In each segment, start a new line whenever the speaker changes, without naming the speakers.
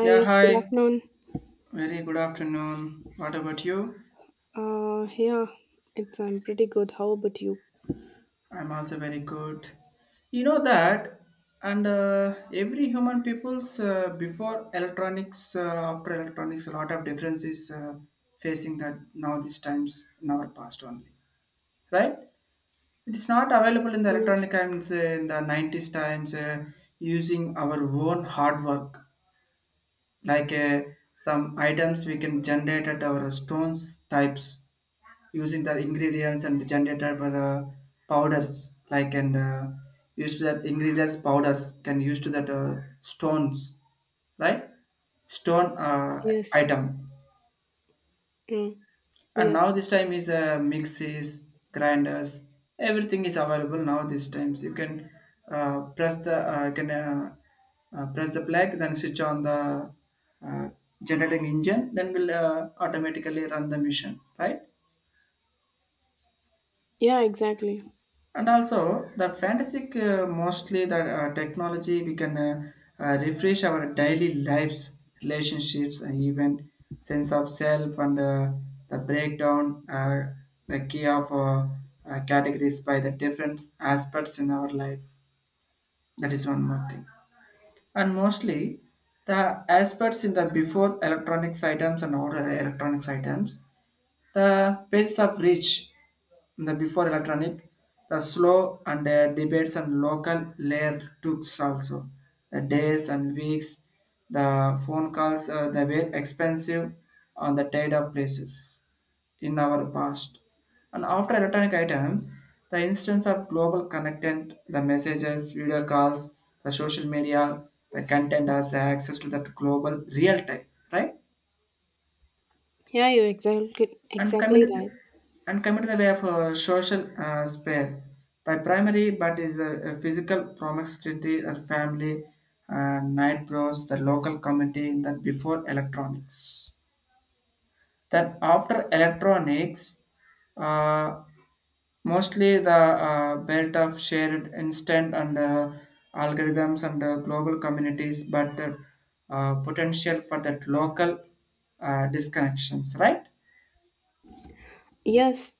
Yeah,
good
hi.
afternoon.
Very good afternoon. What about you?
Uh, yeah, it's I'm pretty good. How about you?
I'm also very good. You know that, and every human people's before electronics, after electronics, a lot of differences facing that now these times in our past only, right? It is not available in the
Yes,
electronic times in the 90s times using our own hard work like some items we can generate at our stones types using the ingredients and generated for powders like and used to that ingredients powders can use to that stones, right, stone
yes,
item.
mm,
And
yes.
now this time is mixes grinders, everything is available now this times. You can press the can press the plug, then switch on the uh, generating engine, then will automatically run the mission, right?
Yeah, exactly.
And also the fantastic mostly the technology, we can refresh our daily lives, relationships, and even sense of self, and the breakdown the key of categories by the different aspects in our life. That is one more thing. And mostly the aspects in the before electronics items and order electronics items, the basis of reach, the before electronic, the slow and debates and local layer tools also, the days and weeks, the phone calls they were expensive on the trade of places in our past. And after electronic items, the instance of global content, the messages, video calls, the social media, the content has the access to that global real time, right?
Yeah, you're exactly
and
exactly
committed
right.
and committed the way of social spare by primary but is a physical promiscuity or family, night bros, the local community that before electronics, that after electronics, uh, mostly the belt of shared instant and algorithms and global communities, but potential for that local disconnections, right?
Yes.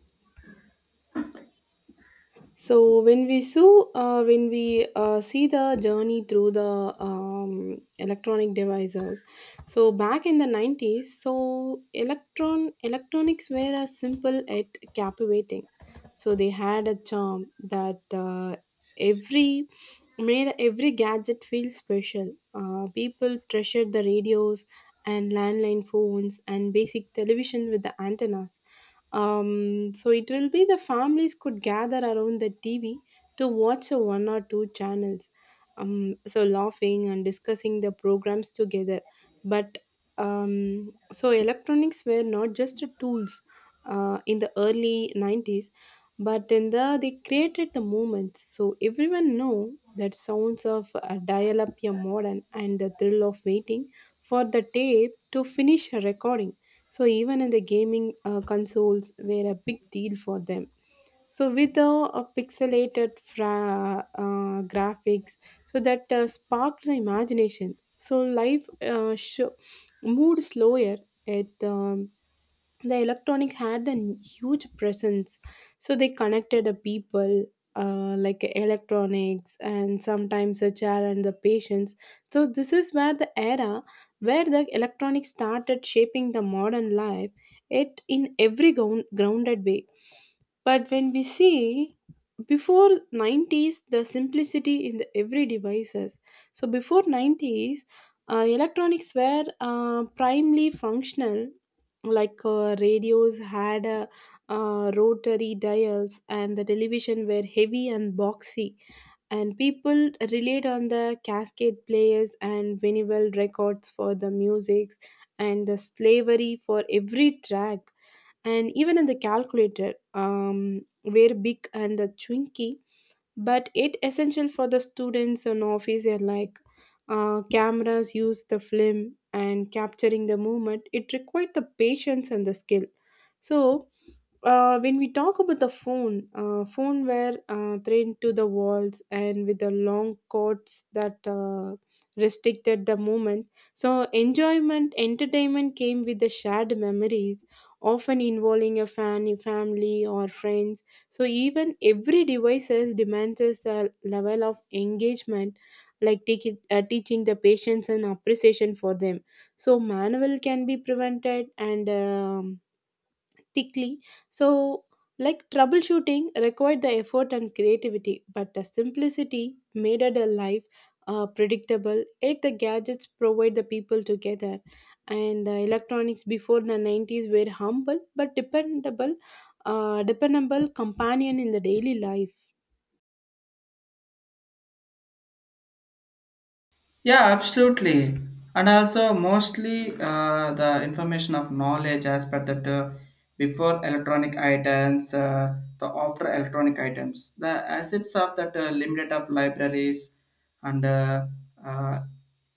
So when we see the journey through the electronic devices. So back in the 90s, electronics were a simple yet captivating. So they had a charm that every made every gadget feel special. People treasured the radios and landline phones and basic television with the antennas. Um, so it will be the families could gather around the TV to watch a one or two channels. Laughing and discussing the programs together. But electronics were not just a tools in the early 90s, but in the they created the moments. So everyone know that sounds of a dial-up your modern and the thrill of waiting for the tape to finish a recording. So even in the gaming consoles were a big deal for them. So with the uh, pixelated graphics, so that sparked the imagination. So life sho moved slower. It The electronic had a huge presence, so they connected the people, like electronics and sometimes a chair and the patients. So this is where the era where the electronics started shaping the modern life, it in every grounded way. But when we see before 90s the simplicity in the every devices, so before 90s electronics were primarily functional, like radios had rotary dials, and the television were heavy and boxy, and people relied on the cascade players and vinyl records for the musics, and the slavery for every track. And even in the calculator were big and the chunky, but it essential for the students and office are like. Cameras use the film, and capturing the movement it required the patience and the skill. So when we talk about the phone were thrown to the walls and with the long cords that restricted the movement. So enjoyment, entertainment came with the shared memories, often involving a fan, family or friends. So even every devices demands a level of engagement, like teaching the patience and appreciation for them. So manual can be prevented and. Thickly. So, like troubleshooting required the effort and creativity, but the simplicity made it a life, predictable. Yet the gadgets provide the people together. And electronics before the 90s were humble but dependable companion in the daily life.
Yeah, absolutely. And also, mostly the information of knowledge aspect that before electronic items, the after electronic items, the assets of that limited of libraries and uh,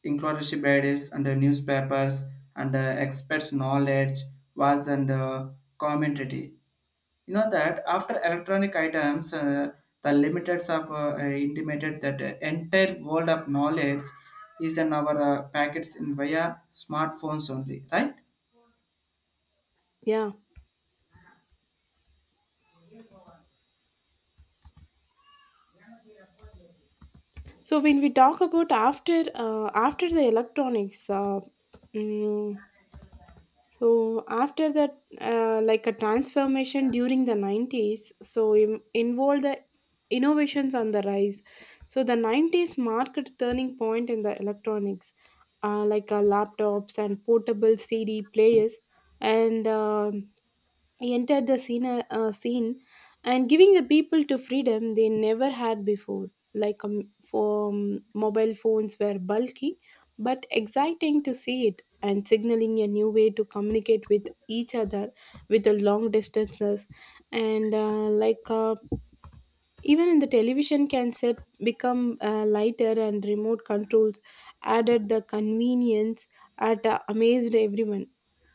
including bodies and newspapers and experts' knowledge was and commentary. You know that after electronic items, the limits of intimated that the entire world of knowledge is in our packets in via smartphones only, right?
Yeah. So when we talk about after the electronics, mm, So after that, like a transformation during the 90s, so involved the innovations on the rise. So the 90s marked a turning point in the electronics, like laptops and portable CD players, and entered the scene, and giving the people to freedom they never had before, like for mobile phones were bulky but exciting to see it, and signaling a new way to communicate with each other with the long distances. And even in the television can set become lighter, and remote controls added the convenience at amazed everyone.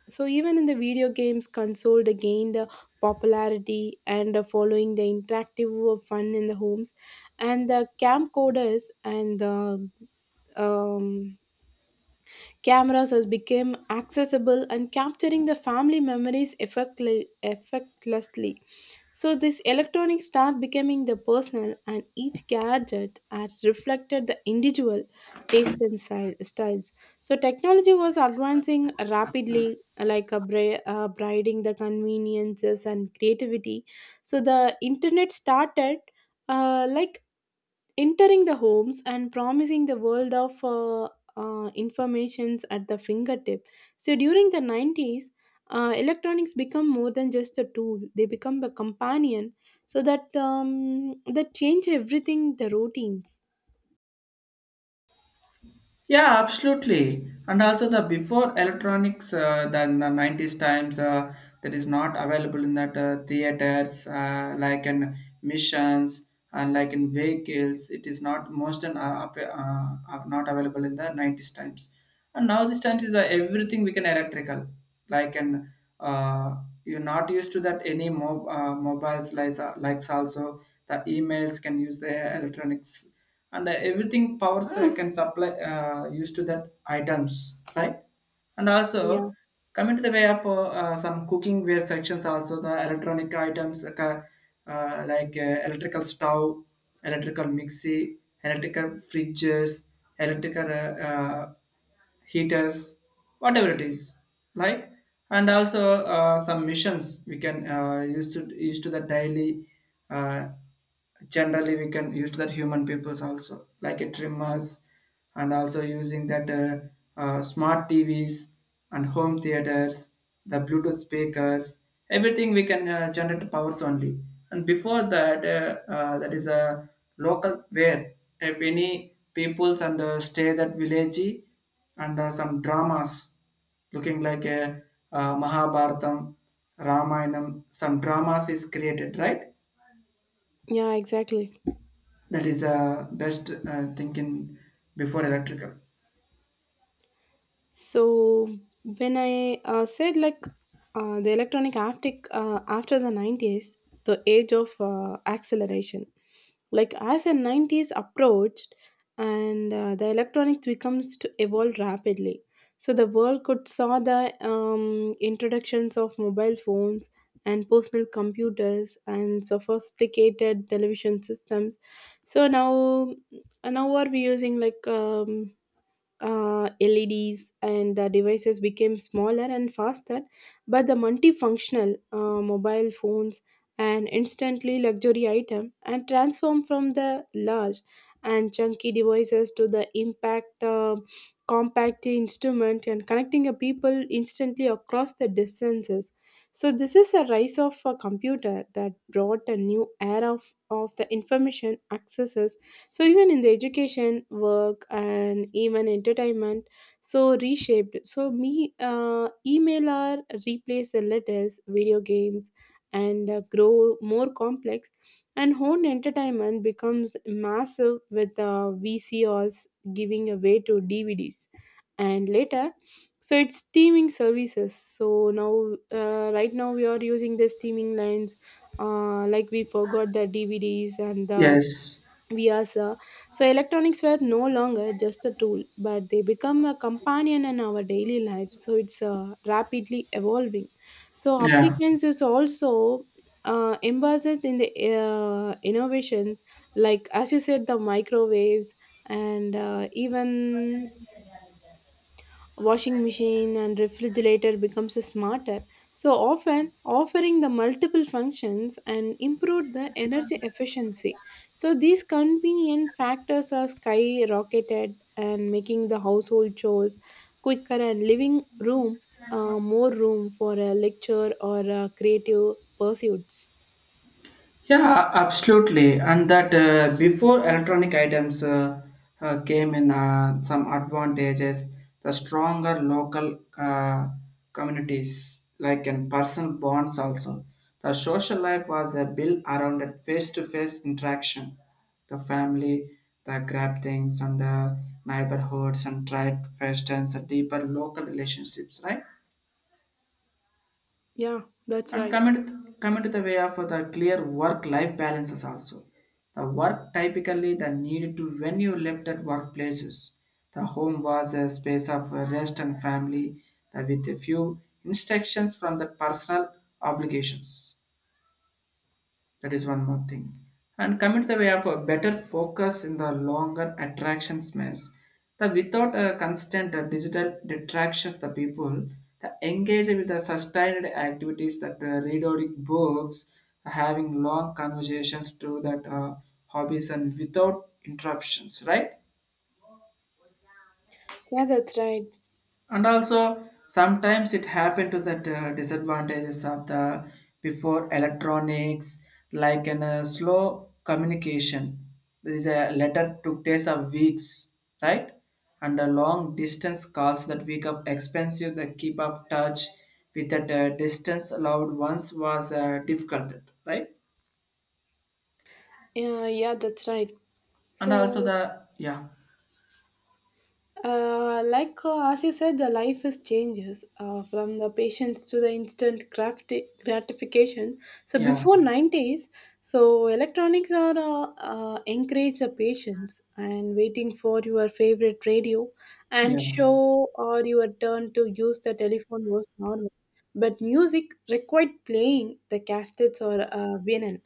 So even in the video games, console they gained popularity, and following the interactive fun in the homes, and the camcorders and the um, cameras has become accessible and capturing the family memories effortlessly. So this electronic start becoming the personal, and each gadget has reflected the individual taste and styles. So technology was advancing rapidly like a briding the conveniences and creativity. So the internet started like entering the homes and promising the world of informations at the fingertip. So during the 90s electronics become more than just a tool, they become a companion. So that change everything the routines.
Yeah, absolutely. And also the before electronics than the 90s times, that is not available in that theaters, like in missions and like in vehicles, it is not most and not available in the 90s times. And now these times is everything we can electrical like, and uh, you're not used to that any mobiles like likes also. The emails can use the electronics, and everything powers can supply used to that items, right? And
Yeah,
also coming to the way of some cooking ware sections also, the electronic items like electrical stove, electrical mixie, electrical fridges, electrical heaters, whatever it is, like. And also some missions we can use to the daily, uh, generally we can use to that human peoples also, like a trimmers. And also using that smart tvs and home theaters, the bluetooth speakers, everything we can generate powers only. And before that, that is a local where, if any peoples and stay that village, and some dramas looking like a Mahabharatam, Ramayanam, some dramas is created, right?
yeah, exactly.
That is the best thinking before electrical.
So when I said like, the electronic haptic after the 90s, the age of acceleration, like as the 90s approached and the electronics becomes to evolve rapidly. So the world could saw the introductions of mobile phones and personal computers and sophisticated television systems. So now, now what we using like LEDs, and the devices became smaller and faster, but the multifunctional mobile phones an instantly luxury item, and transformed from the large and chunky devices to the impact compact instrument, and connecting a people instantly across the distances. So this is a rise of a computer that brought a new era of the information access. So, even in the education, work, and even entertainment, so reshaped. So, email are replace the letters, video games, and grow more complex. And home entertainment becomes massive with VCRs giving away to DVDs. And later, so it's streaming services. So now, right now, we are using the streaming lines, like we forgot the DVDs and the
Yes.
we Vyasa. So electronics were no longer just a tool, but they become a companion in our daily life. So it's rapidly evolving. So
Yeah.
applicants is also embedded in the innovations, like as you said, the microwaves and even washing machine and refrigerator becomes smarter, so often offering the multiple functions and improve the energy efficiency. So these convenient factors are skyrocketed, and making the household chores quicker, and living room more room for a lecture or creative pursuits.
Yeah, absolutely. And that before electronic items, came in some advantages, the stronger local communities, like in personal bonds also. The social life was built around a face-to-face interaction. The family, the grab things and the neighborhoods and tried festivals, and deeper local relationships, right?
Yeah, that's
And
right.
coming to the way of the clear work life balances also, the work typically the need to, when you left at workplaces, the home was a space of rest and family with a few instructions from the personal obligations. That is one more thing. And commit the way of a better focus in the longer attraction space, the without a constant digital detractions, the people, the engage with the sustained activities that reading books, having long conversations to that hobbies and without interruptions, right?
Yeah, that's right.
And also sometimes it happened to that disadvantages of the before electronics, like in a slow communication, there is a letter took days or weeks, right? And a long distance calls that week of expensive, the keep of touch with that distance allowed once was difficult, right?
Yeah, yeah, that's right.
And also
So
the yeah,
As you said, the life is changes from the patience to the instant gratification. So
yeah,
before 90s, so electronics are encourage the patience, and waiting for your favorite radio and
yeah,
show, or your turn to use the telephone was normal. But music required playing the cassettes or vinyl,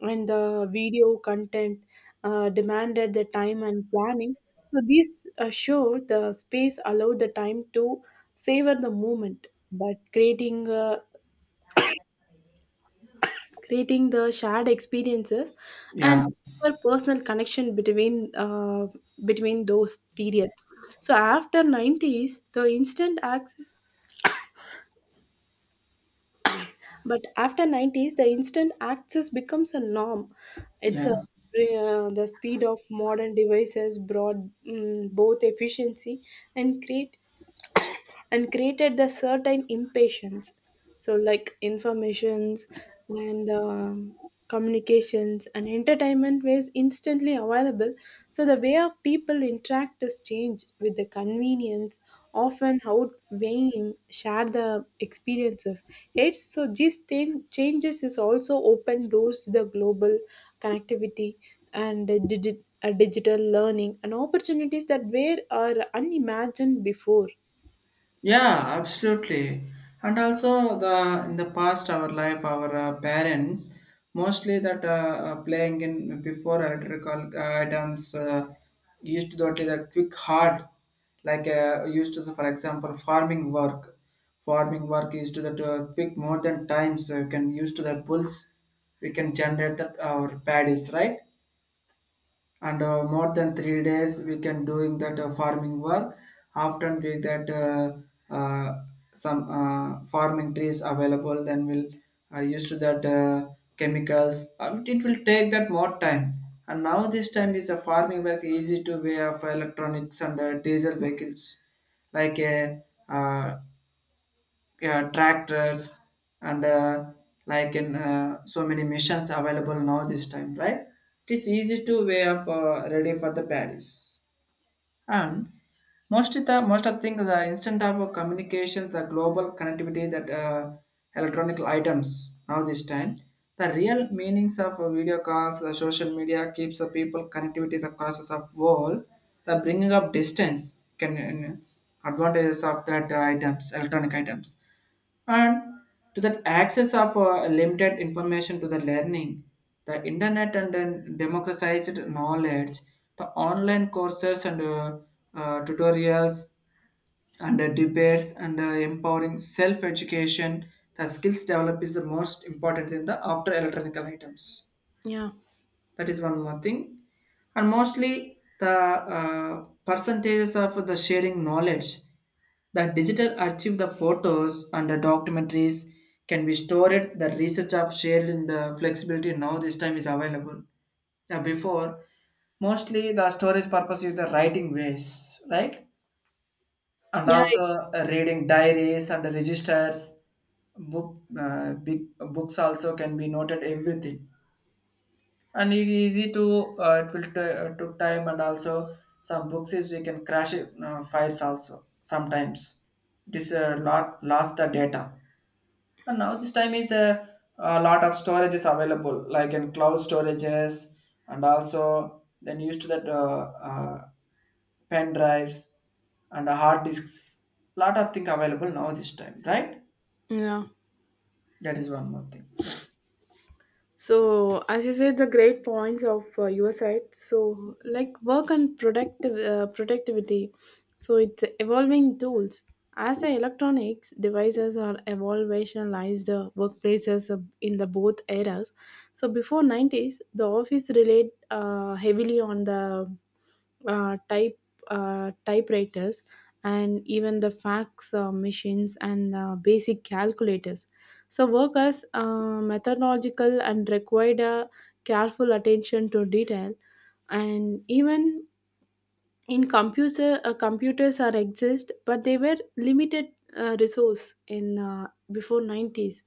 and the video content demanded the time and planning. So these show the space allow the time to savor the moment, but creating the shared experiences and
yeah,
for personal connection between between those period. So after 90s, the instant access becomes a norm. It's a
yeah.
the speed of modern devices brought both efficiency and create and created the certain impatience. So like informations and communications and entertainment was instantly available. So the way of people interact has changed, with the convenience often outweighing share the experiences. Yet so these thing changes is also open doors to the global connectivity and the digital learning and opportunities that were are unimagined before.
Yeah, absolutely. And also the in the past our life, our parents mostly that playing in before electrical items, used to the only that quick hard, like used to the, for example, farming work. Farming work used to that quick more than times, so you can use to the bulls. We can generate that our paddies, right? And more than 3 days we can doing that farming work, often we that some farming trees available, then we'll use to that chemicals. It will take that more time. And now this time is a farming work easy to way of electronics and diesel vehicles, like a uh, tractors and like in so many missions available now this time, right? It is easy to way of ready for the paris. And most of thing, the instant of communication, the global connectivity that electronic items now this time, the real meanings of video calls, the social media keeps the people connectivity, the causes of world, the bringing up distance can advantages of that items electronic items. And to that access of limited information to the learning, the internet and then democratized knowledge, the online courses and tutorials and debates and empowering self-education, the skills develop is the most important in the after electronic items.
Yeah,
That is one more thing. And mostly the percentages of the sharing knowledge, the digital archive, the photos and the documentaries can be stored. The research of shared in the flexibility now this time is available. Now before, mostly the storage purpose is the writing ways, right? And
yeah,
also reading diaries and the registers, book, big books also can be noted everything, and it's easy to, took time. And also some books is we can crash it files also sometimes, this a lot lost the data. And now this time is a lot of storage is available, like in cloud storages. And also then used to that pen drives and hard disks, lot of thing available now this time, right?
yeah.
That is one more thing. Yeah.
So, as you said, the great points of your side. So, like work and productive productivity. So it's evolving tools. As the electronics devices are evolutionized workplaces in the both eras. So before 90s, the office relied heavily on the uh, type typewriters, and even the fax machines, and basic calculators. So, work as methodological and required a careful attention to detail, and even in computer computers are exist, but they were limited resource in before 90s,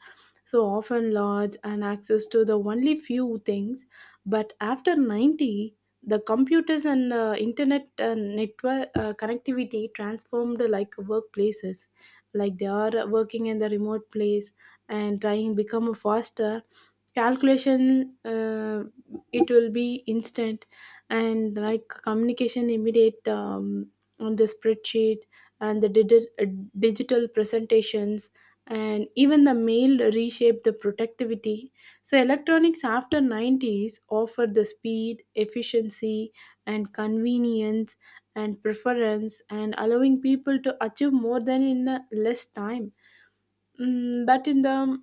so often large and access to the only few things. But after 90 the computers and uh, internet network connectivity transformed like workplaces, like they are working in the remote place, and trying become faster, calculation it will be instant, and like communication immediate, on the spreadsheet and the digital presentations, and even the mail reshaped the productivity. So electronics after 90s offer the speed efficiency and convenience and preference, and allowing people to achieve more than in a less time. Mm, but in the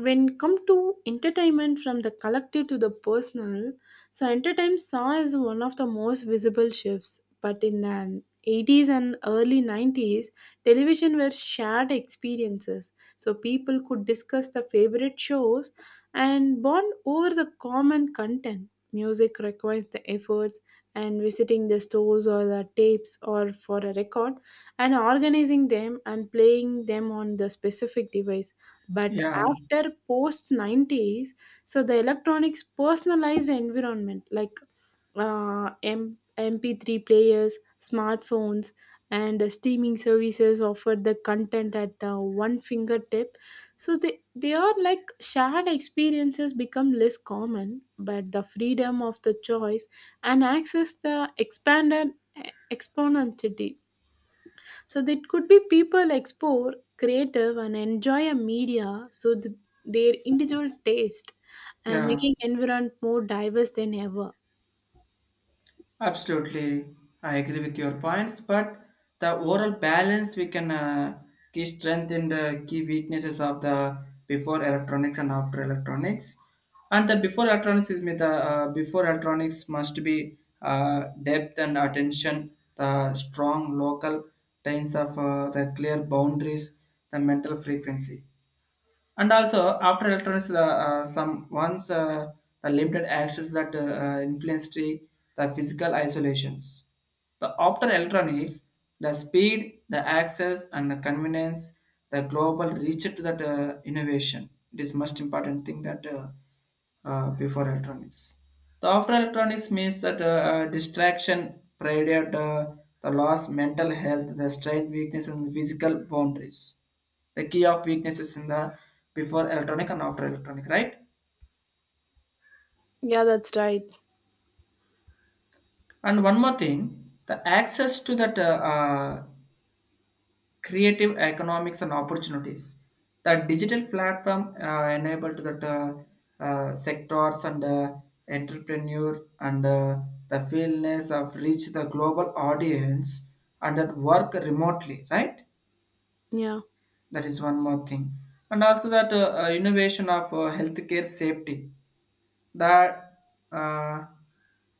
When come to entertainment from the collective to the personal, so entertainment saw is one of the most visible shifts. But in the 80s and early 90s, television were shared experiences. So people could discuss the favorite shows and bond over the common content. Music requires the efforts and visiting the stores or the tapes or for a record, and organizing them and playing them on the specific device. But
Yeah,
after post 90s, so the electronics personalized environment, like mp3 players, smartphones, and streaming services offer the content at one fingertip. So they are like shared experiences become less common, but the freedom of the choice and access the expanded exponentially. So that could be people explore creative and enjoy a media, so that their individual taste and
yeah.
making environment more diverse than ever.
Absolutely, I agree with your points, but the overall balance we can key strength and key weaknesses of the before electronics and after electronics, and the before electronics is with the before electronics must be depth and attention, the strong local trains of the clear boundaries, the mental frequency. And also after electronics, the some once the limited access that influenced the physical isolations, the after electronics, the speed, the access and the convenience, the global reach to that innovation, it is most important thing that before electronics, the after electronics means that distraction, predate, the loss mental health, the strength weakness and physical boundaries, the key of weaknesses in the before electronic and after electronic, right?
Yeah, that's right.
And one more thing, the access to that creative economics and opportunities, the digital platform enable to that sectors and entrepreneur and the fieldness of reach the global audience and that work remotely, right?
Yeah,
That is one more thing. And also that innovation of healthcare safety, the uh,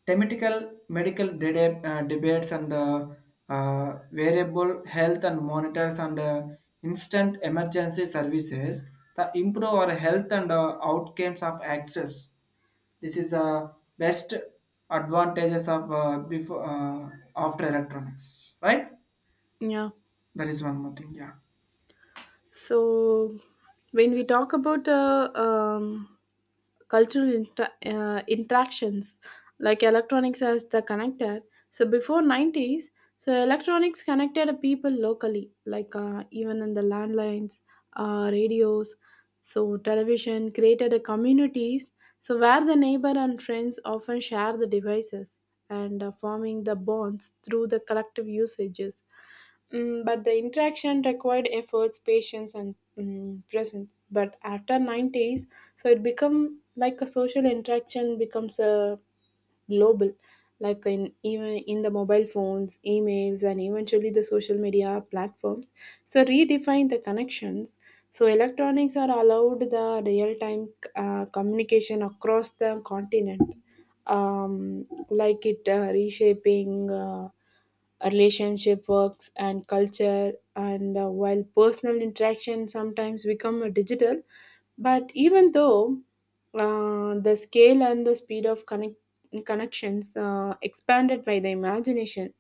thematical medical debate, debates and variable health and monitors and instant emergency services that improve our health and outcomes of access. This is the best advantages of before after electronics, right?
yeah.
That is one more thing. Yeah.
So, when we talk about cultural interactions, like electronics as the connector, so before 90s, so electronics connected people locally, like even in the landlines, radios, so television created a communities, so where the neighbor and friends often share the devices and forming the bonds through the collective usages. But the interaction required efforts, patience, and presence. But after 9 days, so it become like a social interaction becomes a global, like in even in the mobile phones, emails, and eventually the social media platforms. So redefine the connections. So electronics are allowed the real time communication across the continent. Um, like it reshaping relationship works and culture and while personal interaction sometimes become a digital but even though the scale and the speed of connections expanded by the imagination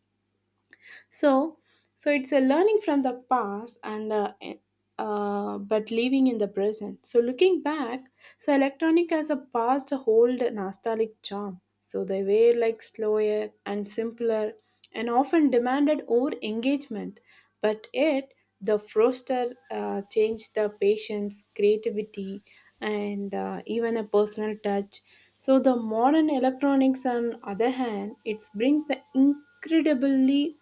so, so it's a learning from the past and but living in the present. So looking back, so electronic has a past hold nostalgic charm. So they were like slower and simpler and often demanded more engagement. But yet the froster changed the patience, creativity, and even a personal touch. So the modern electronics, on other hand, it's brings the incredibly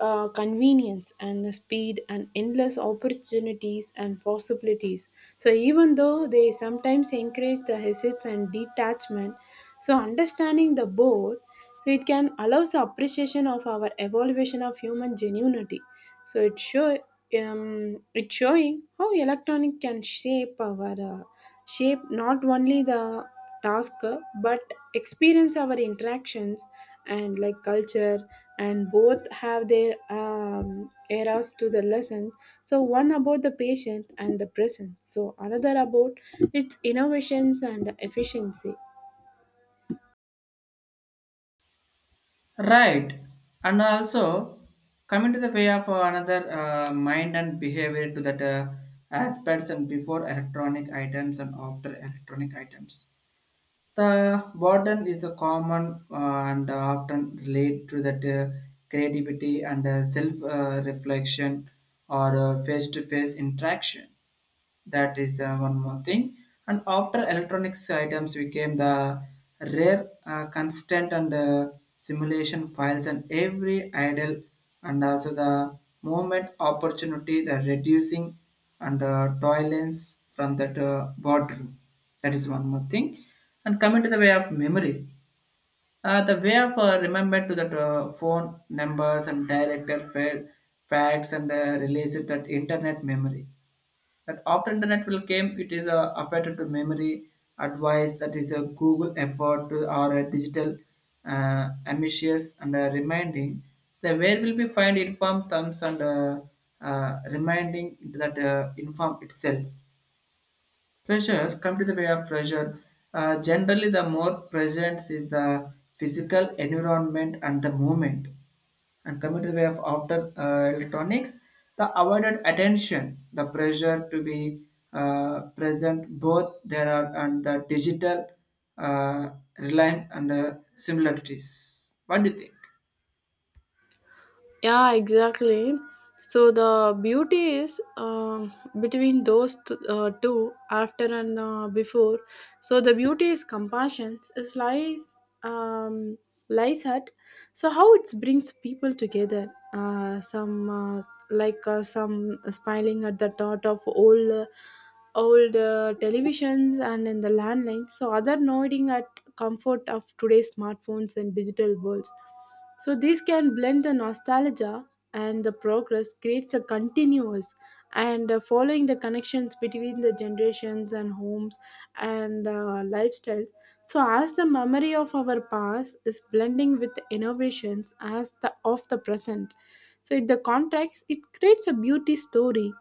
convenience and the speed and endless opportunities and possibilities. So even though they sometimes encourage the hesitance and detachment, so understanding the both, so it can allows the appreciation of our evaluation of human genuinity. So it show it's showing how electronic can shape our shape not only the task but experience our interactions and like culture and both have their eras to the lesson. So one about the patient and the present. So another about its innovations and efficiency.
Right. And also, coming to the way of another mind and behavior to that aspects and before electronic items and after electronic items. The burden is a common and often relate to that creativity and self reflection or face to face interaction. That is one more thing. And after electronics items became the rare constant and simulation files and every idle. And also the movement opportunity the reducing and tolerance from that boardroom. That is one more thing. And coming to the way of memory, the way of remember to that phone numbers and directed facts and release it that internet memory, that after internet will came, it is affected to memory advice, that is a google effort to or a digital ambitious and reminding the where will we find informed thumbs and reminding that inform itself pressure. Come to the way of pressure, generally the more presence is the physical environment and the moment. And coming to the way of after electronics, the avoided attention, the pressure to be present, both there are and the digital uh, reliant and the similarities, what do you think?
Yeah, exactly. So the beauty is between those two, after and before. So the beauty is compassion. It lies um, lies at. So how it brings people together. Some smiling at the thought of old televisions and in the landlines. So other nodding at comfort of today's smartphones and digital worlds, so these can blend the nostalgia and the progress creates a continuous and following the connections between the generations and homes and lifestyles. So as the memory of our past is blending with the innovations as the of the present. So in the context, it creates a beauty story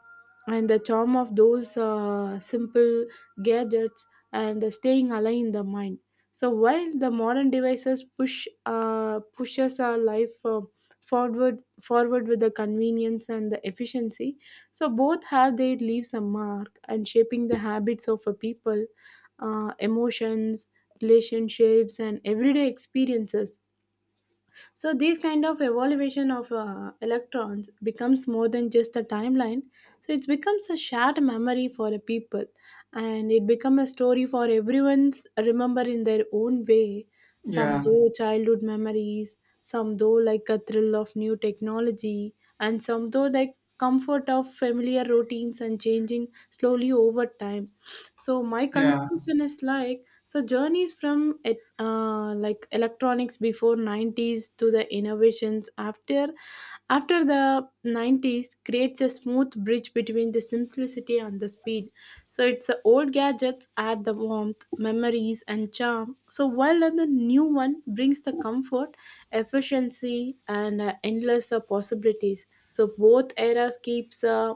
and the charm of those simple gadgets and staying alive in the mind. So while the modern devices pushes our life forward with the convenience and the efficiency, so both have their leaves a mark and shaping the habits of a people, emotions, relationships, and everyday experiences. So this kind of evaluation of electrons becomes more than just a timeline. So it becomes a shared memory for the people, and it becomes a story for everyone's remember in their own way. Some
Yeah,
though childhood memories, some though like a thrill of new technology, and some though like comfort of familiar routines and changing slowly over time. So my
yeah.
conclusion is like so journeys from it, like electronics before 90s to the innovations after the 90s creates a smooth bridge between the simplicity and the speed, so it's the old gadgets add the warmth memories and charm, so while the new one brings the comfort efficiency and endless possibilities, so both eras keeps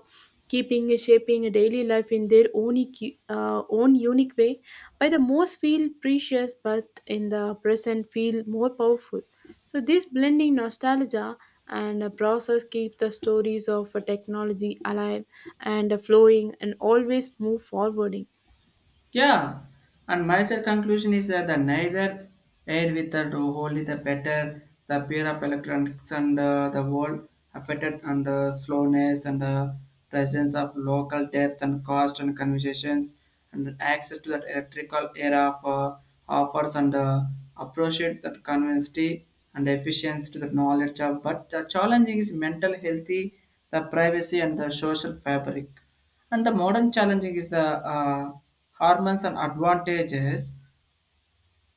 keeping shaping a daily life in their own unique way, by the most feel precious but in the present feel more powerful, so this blending nostalgia and a process keep the stories of a technology alive and flowing and always move forwarding.
Yeah, and my side conclusion is that the neither air with the wholly the better, the pair of electronics and the world affected and slowness and the presence of local depth and cost and conversations and access to that electrical era of offers and appreciate that convenience and efficiency to the knowledge of, but the challenging is mental healthy, the privacy and the social fabric, and the modern challenging is the hormones and advantages,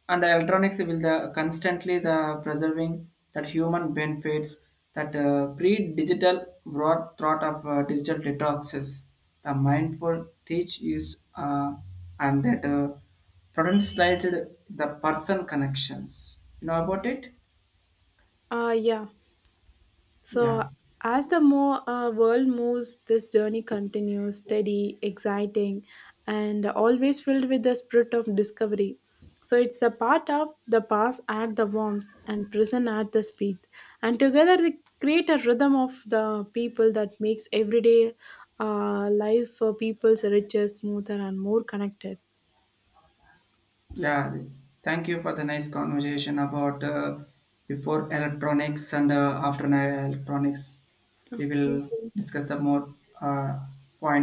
and the electronics will the constantly the preserving that human benefits, that pre-digital broad thought of digital detoxes, the mindful teach is and that potentialized the person connections, you know about it.
Ah yeah.
Yeah.
So, as the more world moves, this journey continues steady, exciting, and always filled with the spirit of discovery. So, it's a part of the past at the warmth and present at the speed. And together, they create a rhythm of the people that makes everyday life for people's richer, smoother, and more connected.
Yeah, thank you for the nice conversation about before electronics and after electronics.
Yeah,
We
thank
will
you.
discuss the more uh, points.